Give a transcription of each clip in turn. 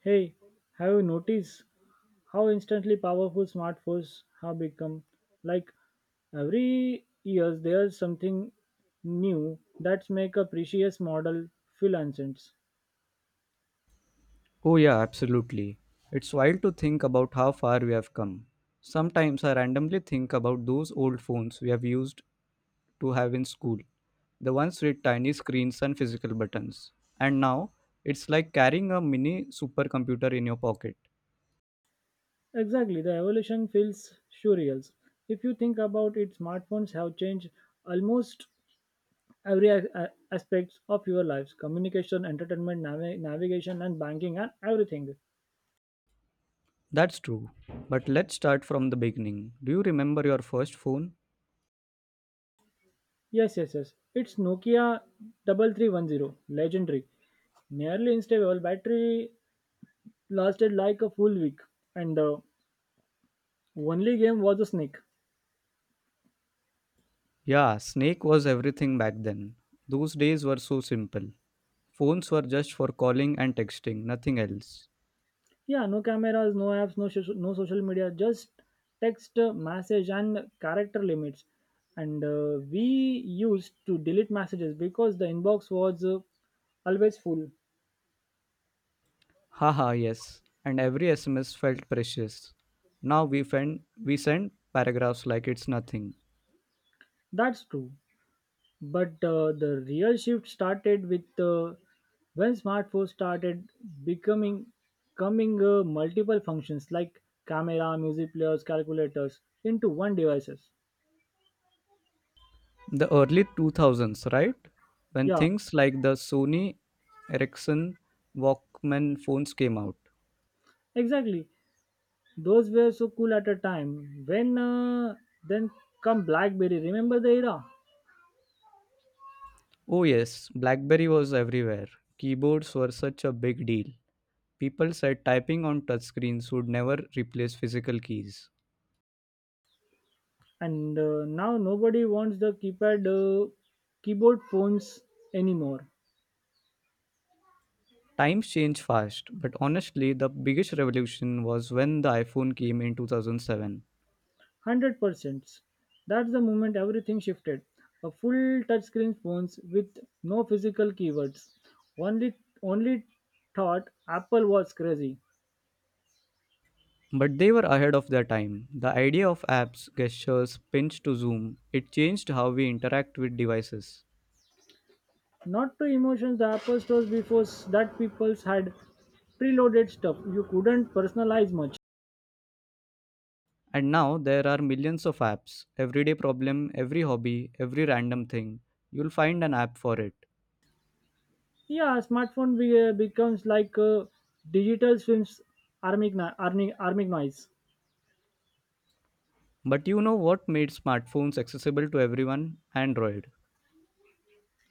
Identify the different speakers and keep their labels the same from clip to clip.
Speaker 1: Hey, have you noticed how instantly powerful smartphones have become? Like every year there's something new that's make a precious model feel ancient.
Speaker 2: Oh, yeah, absolutely. It's wild to think about how far we have come. Sometimes I randomly think about those old phones we have used to have in school, the ones with tiny screens and physical buttons. And now, it's like carrying a mini supercomputer in your pocket.
Speaker 1: Exactly, the evolution feels surreal. If you think about it, smartphones have changed almost every aspects of your lives: communication, entertainment, navigation, and banking, and everything.
Speaker 2: That's true. But let's start from the beginning. Do you remember your first phone?
Speaker 1: Yes, yes, yes. It's Nokia 3310, legendary. Nearly instable, battery lasted like a full week, and the only game was a snake.
Speaker 2: Yeah, Snake was everything back then. Those days were so simple. Phones were just for calling and texting, nothing else.
Speaker 1: Yeah, no cameras, no apps, no, no social media, just text, message, and character limits. And we used to delete messages because the inbox was always full.
Speaker 2: Haha, yes. And every SMS felt precious. Now we send paragraphs like it's nothing.
Speaker 1: That's true. But the real shift started with when smartphones started becoming coming multiple functions like camera, music players, calculators into one devices.
Speaker 2: The early 2000s, right? When
Speaker 1: Yeah,
Speaker 2: things like the Sony Ericsson Walkman phones came out.
Speaker 1: exactly. Those were so cool at a time. When then come BlackBerry. Remember the era?
Speaker 2: Oh, yes, Blackberry was everywhere. Keyboards were such a big deal. People said typing on touchscreens would never replace physical keys.
Speaker 1: And now nobody wants the keypad keyboard phones anymore.
Speaker 2: Times change fast, but honestly, the biggest revolution was when the iPhone came in 2007.
Speaker 1: One hundred percent. That's the moment everything shifted. A full touchscreen phones with no physical keywords. Only only thought Apple was crazy.
Speaker 2: But they were ahead of their time. The idea of apps, gestures, pinch to zoom, it changed how we interact with devices.
Speaker 1: Not to emotions the Apple stores before that people's had preloaded stuff. You couldn't personalize much.
Speaker 2: And now there are millions of apps. Everyday problem, every hobby, every random thing, you'll find an app for it.
Speaker 1: Yeah, smartphone becomes like a digital swims army knives.
Speaker 2: But you know what made smartphones accessible to everyone? Android.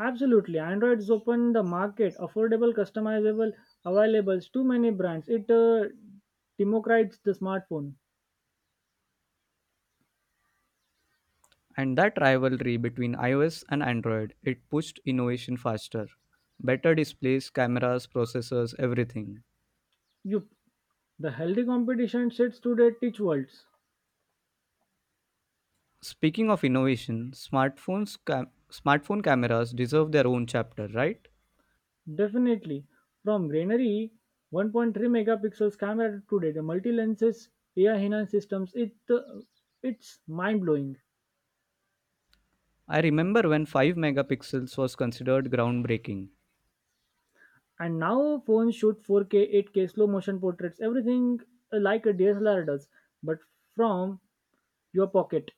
Speaker 1: Absolutely. Android's opened the market, affordable, customizable, availables, too many brands. It democratizes the smartphone.
Speaker 2: And that rivalry between iOS and Android, it pushed innovation faster. Better displays, cameras, processors, everything.
Speaker 1: Yup. The healthy competition sits today teach worlds.
Speaker 2: Speaking of innovation, smartphone cameras deserve their own chapter, right?
Speaker 1: Definitely. From granary 1.3 megapixels camera today, the multi lenses AI enhanced systems, it's mind blowing.
Speaker 2: I remember when 5 megapixels was considered groundbreaking.
Speaker 1: And now phones shoot 4K, 8K, slow motion portraits, everything like a DSLR does, but from your pocket.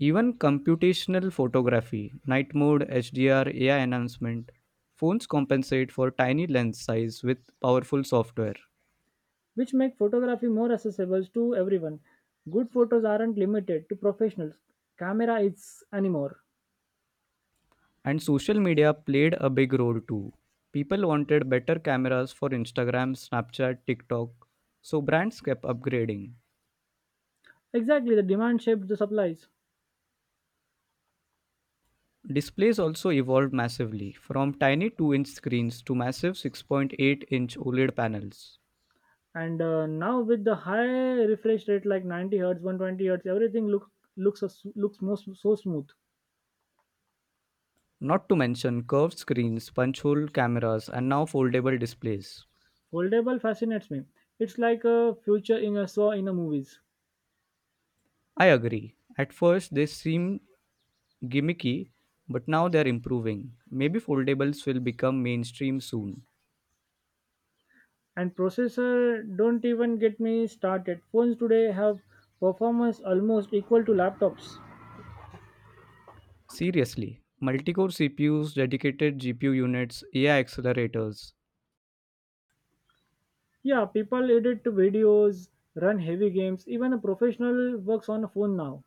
Speaker 2: Even computational photography, night mode, HDR, AI enhancement, phones compensate for tiny lens size with powerful software.
Speaker 1: Which make photography more accessible to everyone. Good photos aren't limited to professionals. Camera is anymore.
Speaker 2: And social media played a big role too. People wanted better cameras for Instagram, Snapchat, TikTok, so brands kept upgrading.
Speaker 1: Exactly, the demand shaped the supplies.
Speaker 2: Displays also evolved massively, from tiny 2-inch screens to massive 6.8-inch OLED panels.
Speaker 1: And now with the high refresh rate like 90 hertz, 120 hertz, everything looks most so smooth.
Speaker 2: Not to mention curved screens, punch hole cameras, and now foldable displays.
Speaker 1: Foldable fascinates me. It's like a future in a saw in a movies.
Speaker 2: I agree. At first, they seem gimmicky, but now they're improving. Maybe foldables will become mainstream soon.
Speaker 1: And processor don't even get me started. Phones today have performance almost equal to laptops.
Speaker 2: Seriously, multi core CPUs, dedicated GPU units, AI accelerators,
Speaker 1: Yeah, people edit videos, run heavy games, even a professional works on a phone now.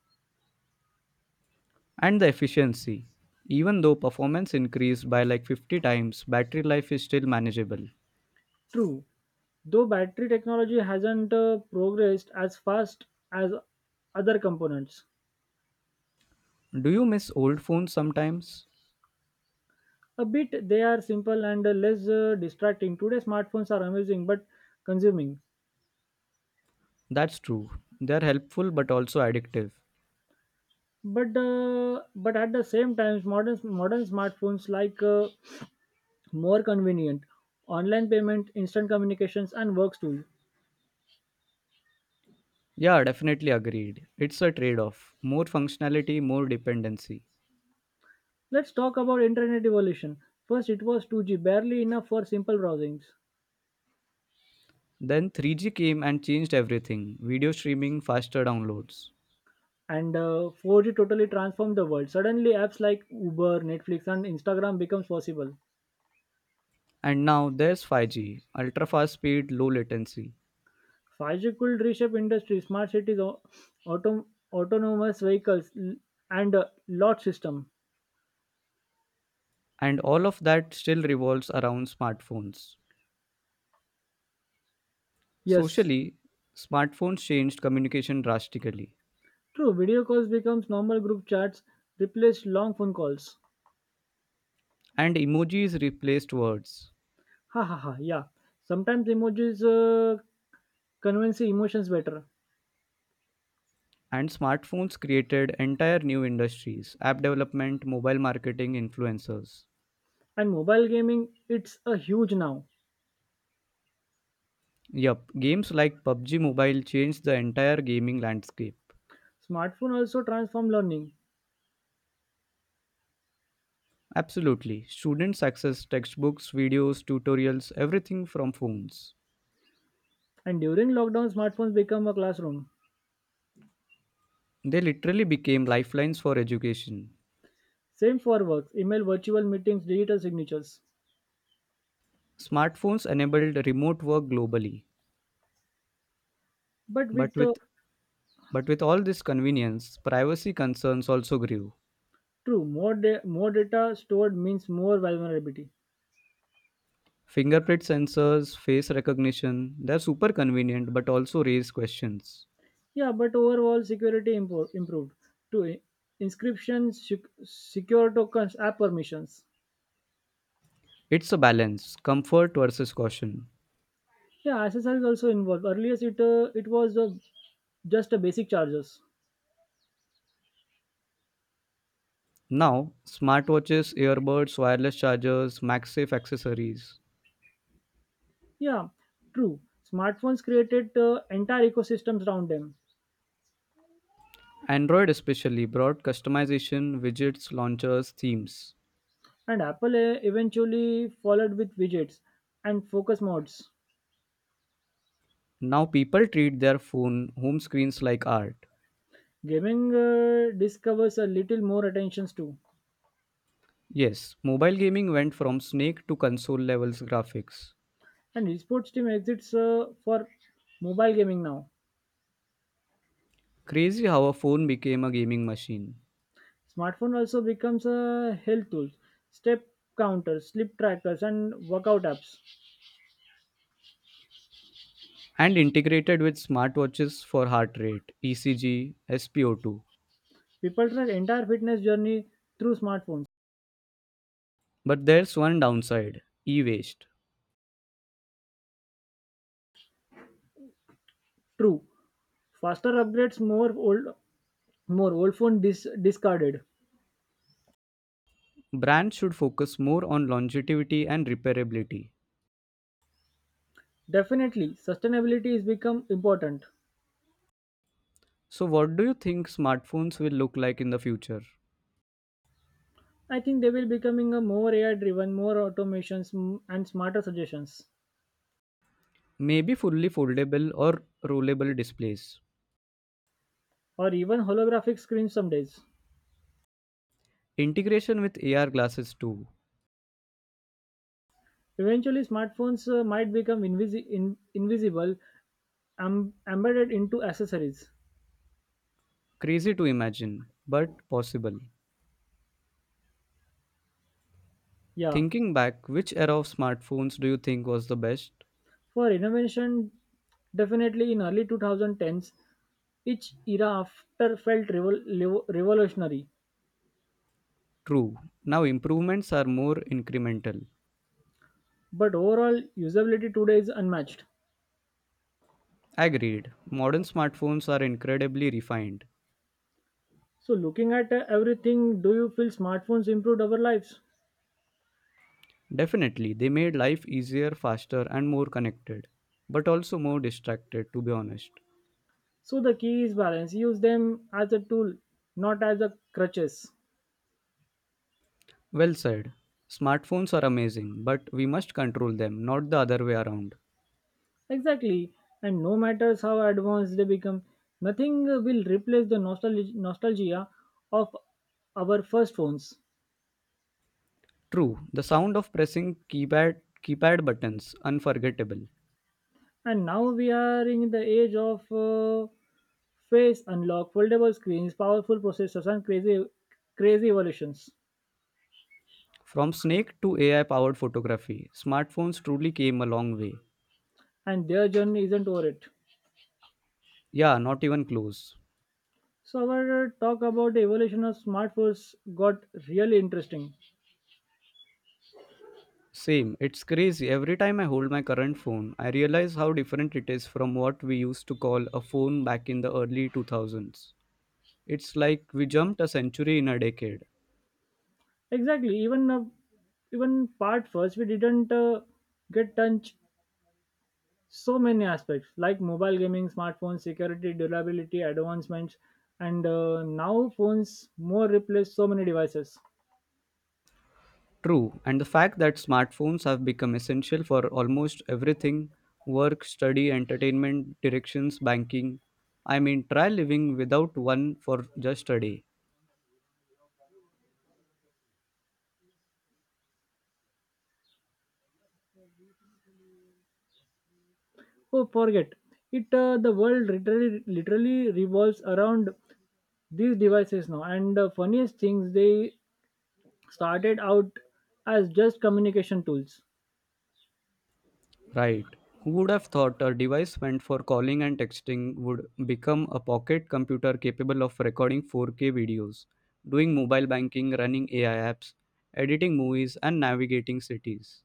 Speaker 2: and the efficiency. Even though performance increased by like 50 times, battery life is still manageable.
Speaker 1: True, though battery technology hasn't progressed as fast as other components.
Speaker 2: Do you miss old phones sometimes?
Speaker 1: A bit they are simple and less distracting. Today smartphones are amazing but consuming.
Speaker 2: That's true. They're helpful but also addictive.
Speaker 1: But at the same time, modern smartphones like more convenient, online payment, instant communications, and works tool.
Speaker 2: Yeah, definitely agreed. It's a trade off. More functionality, more dependency.
Speaker 1: Let's talk about internet evolution. First, it was 2G, barely enough for simple browsings.
Speaker 2: Then 3G came and changed everything video streaming, faster downloads.
Speaker 1: And 4G totally transformed the world. Suddenly, apps like Uber, Netflix, and Instagram becomes possible.
Speaker 2: And now there's 5G, ultra fast speed, low latency.
Speaker 1: 5G could reshape industry, smart cities, autom- autonomous vehicles, and lot system.
Speaker 2: And all of that still revolves around smartphones.
Speaker 1: Yes,
Speaker 2: Socially, smartphones changed communication drastically,
Speaker 1: true. Video calls becomes normal group chats, replaced long phone calls.
Speaker 2: and emojis replaced words.
Speaker 1: Ha ha ha. Yeah. Sometimes emojis convince emotions better.
Speaker 2: And smartphones created entire new industries app development, mobile marketing, influencers.
Speaker 1: And mobile gaming, it's a huge now.
Speaker 2: Yup, games like PUBG Mobile changed the entire gaming landscape.
Speaker 1: Smartphone also transform learning,
Speaker 2: Absolutely. Students access textbooks, videos, tutorials, everything from phones.
Speaker 1: and during lockdown, smartphones become a classroom.
Speaker 2: They literally became lifelines for education.
Speaker 1: Same for work, email, virtual meetings, digital signatures.
Speaker 2: Smartphones enabled remote work globally,
Speaker 1: But
Speaker 2: but
Speaker 1: with the
Speaker 2: with But with all this convenience, privacy concerns also grew.
Speaker 1: true More more data stored means more vulnerability.
Speaker 2: Fingerprint sensors, face recognition, they're super convenient but also raise questions.
Speaker 1: Yeah, but overall security improved to inscriptions, secure tokens, app permissions.
Speaker 2: It's a balance, comfort versus caution.
Speaker 1: Yeah, SSL is also involved. Earlier, it was just a basic charges.
Speaker 2: Now, smartwatches, earbuds, wireless chargers, MagSafe accessories.
Speaker 1: Yeah, true. Smartphones created entire ecosystems around them.
Speaker 2: Android especially brought customization, widgets, launchers, themes.
Speaker 1: And Apple eventually followed with widgets and focus modes.
Speaker 2: Now people treat their phone home screens like art.
Speaker 1: Gaming discovers a little more attentions too,
Speaker 2: Yes, mobile gaming went from snake to console levels graphics.
Speaker 1: and esports team exits for mobile gaming now.
Speaker 2: Crazy how a phone became a gaming machine
Speaker 1: Smartphone also becomes a health tool, step counters, sleep trackers, and workout apps.
Speaker 2: and integrated with smartwatches for heart rate, ECG, SpO2.
Speaker 1: People track entire fitness journey through smartphones.
Speaker 2: But there's one downside e waste.
Speaker 1: True, faster upgrades, more old phone discarded.
Speaker 2: Brands should focus more on longevity and repairability.
Speaker 1: Definitely, sustainability is become important.
Speaker 2: So, what do you think smartphones will look like in the future?
Speaker 1: I think they will becoming a more AI driven, more automations and smarter suggestions,
Speaker 2: Maybe fully foldable or rollable displays.
Speaker 1: or even holographic screens some days.
Speaker 2: Integration with AR glasses too.
Speaker 1: Eventually, smartphones might become invisible, embedded into accessories.
Speaker 2: Crazy to imagine, but possible.
Speaker 1: Yeah,
Speaker 2: Thinking back, which era of smartphones do you think was the best?
Speaker 1: for innovation, definitely in early 2010s, each era after felt revolutionary,
Speaker 2: True. Now improvements are more incremental.
Speaker 1: but overall usability today is unmatched.
Speaker 2: Agreed. Modern smartphones are incredibly refined.
Speaker 1: So, looking at everything, do you feel smartphones improved our lives?
Speaker 2: Definitely, they made life easier, faster, and more connected, but also more distracted, to be honest.
Speaker 1: So the key is balance. Use them as a tool, not as a crutches.
Speaker 2: Well said. Smartphones are amazing, but we must control them, not the other way around.
Speaker 1: Exactly. And no matters how advanced they become, nothing will replace the nostalgia of our first phones.
Speaker 2: True, the sound of pressing keypad buttons unforgettable.
Speaker 1: And now we are in the age of face unlock, foldable screens, powerful processors, and crazy, crazy evolutions.
Speaker 2: From snake to AI powered photography, smartphones truly came a long way.
Speaker 1: And their journey isn't over it.
Speaker 2: Yeah, not even close.
Speaker 1: So our talk about the evolution of smartphones got really interesting.
Speaker 2: Same, it's crazy. Every time I hold my current phone, I realize how different it is from what we used to call a phone back in the early 2000s. It's like we jumped a century in a decade.
Speaker 1: Exactly. Even part first, we didn't get touch so many aspects like mobile gaming, smartphones, security, durability, advancements, and now phones more replace so many devices.
Speaker 2: True, and the fact that smartphones have become essential for almost everything work, study, entertainment, directions, banking. I mean, try living without one for just a day.
Speaker 1: Oh, forget it. The world literally revolves around these devices now. And the funniest things, they started out as just communication tools.
Speaker 2: Right. Who would have thought a device meant for calling and texting would become a pocket computer capable of recording 4K videos, doing mobile banking, running AI apps, editing movies, and navigating cities?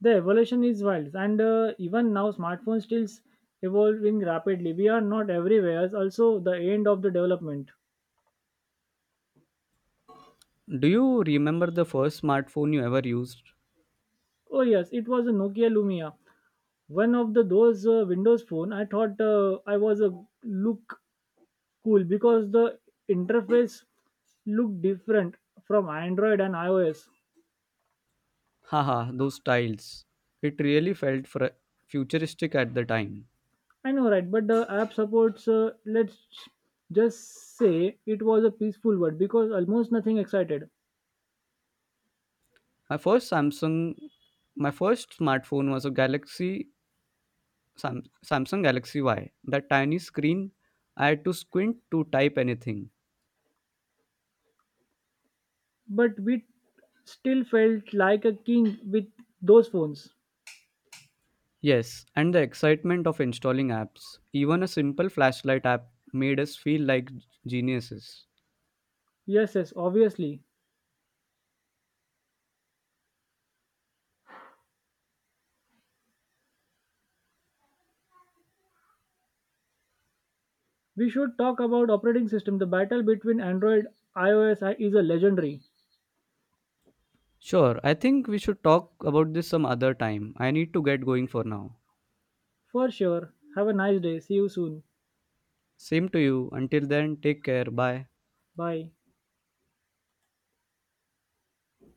Speaker 1: The evolution is wild, and even now smartphones still evolving rapidly. We are not everywhere also the end of the development.
Speaker 2: Do you remember the first smartphone you ever used?
Speaker 1: Oh, yes, it was a Nokia Lumia, one of the those Windows phone. I thought, I was a look cool because the interface looked different from Android and iOS.
Speaker 2: Haha, those tiles. It really felt futuristic at the time.
Speaker 1: I know, right? But the app supports, let's just say it was a peaceful one because almost nothing excited.
Speaker 2: My first Samsung, my first smartphone was a Galaxy Samsung Galaxy Y, that tiny screen I had to squint to type anything.
Speaker 1: But we still felt like a king with those phones.
Speaker 2: Yes, and the excitement of installing apps. Even a simple flashlight app made us feel like geniuses.
Speaker 1: Yes, yes, obviously. We should talk about operating system. The battle between Android iOS is a legendary.
Speaker 2: Sure, I think we should talk about this some other time. I need to get going for now.
Speaker 1: For sure. Have a nice day. See you soon.
Speaker 2: Same to you. Until then, take care. Bye.
Speaker 1: Bye.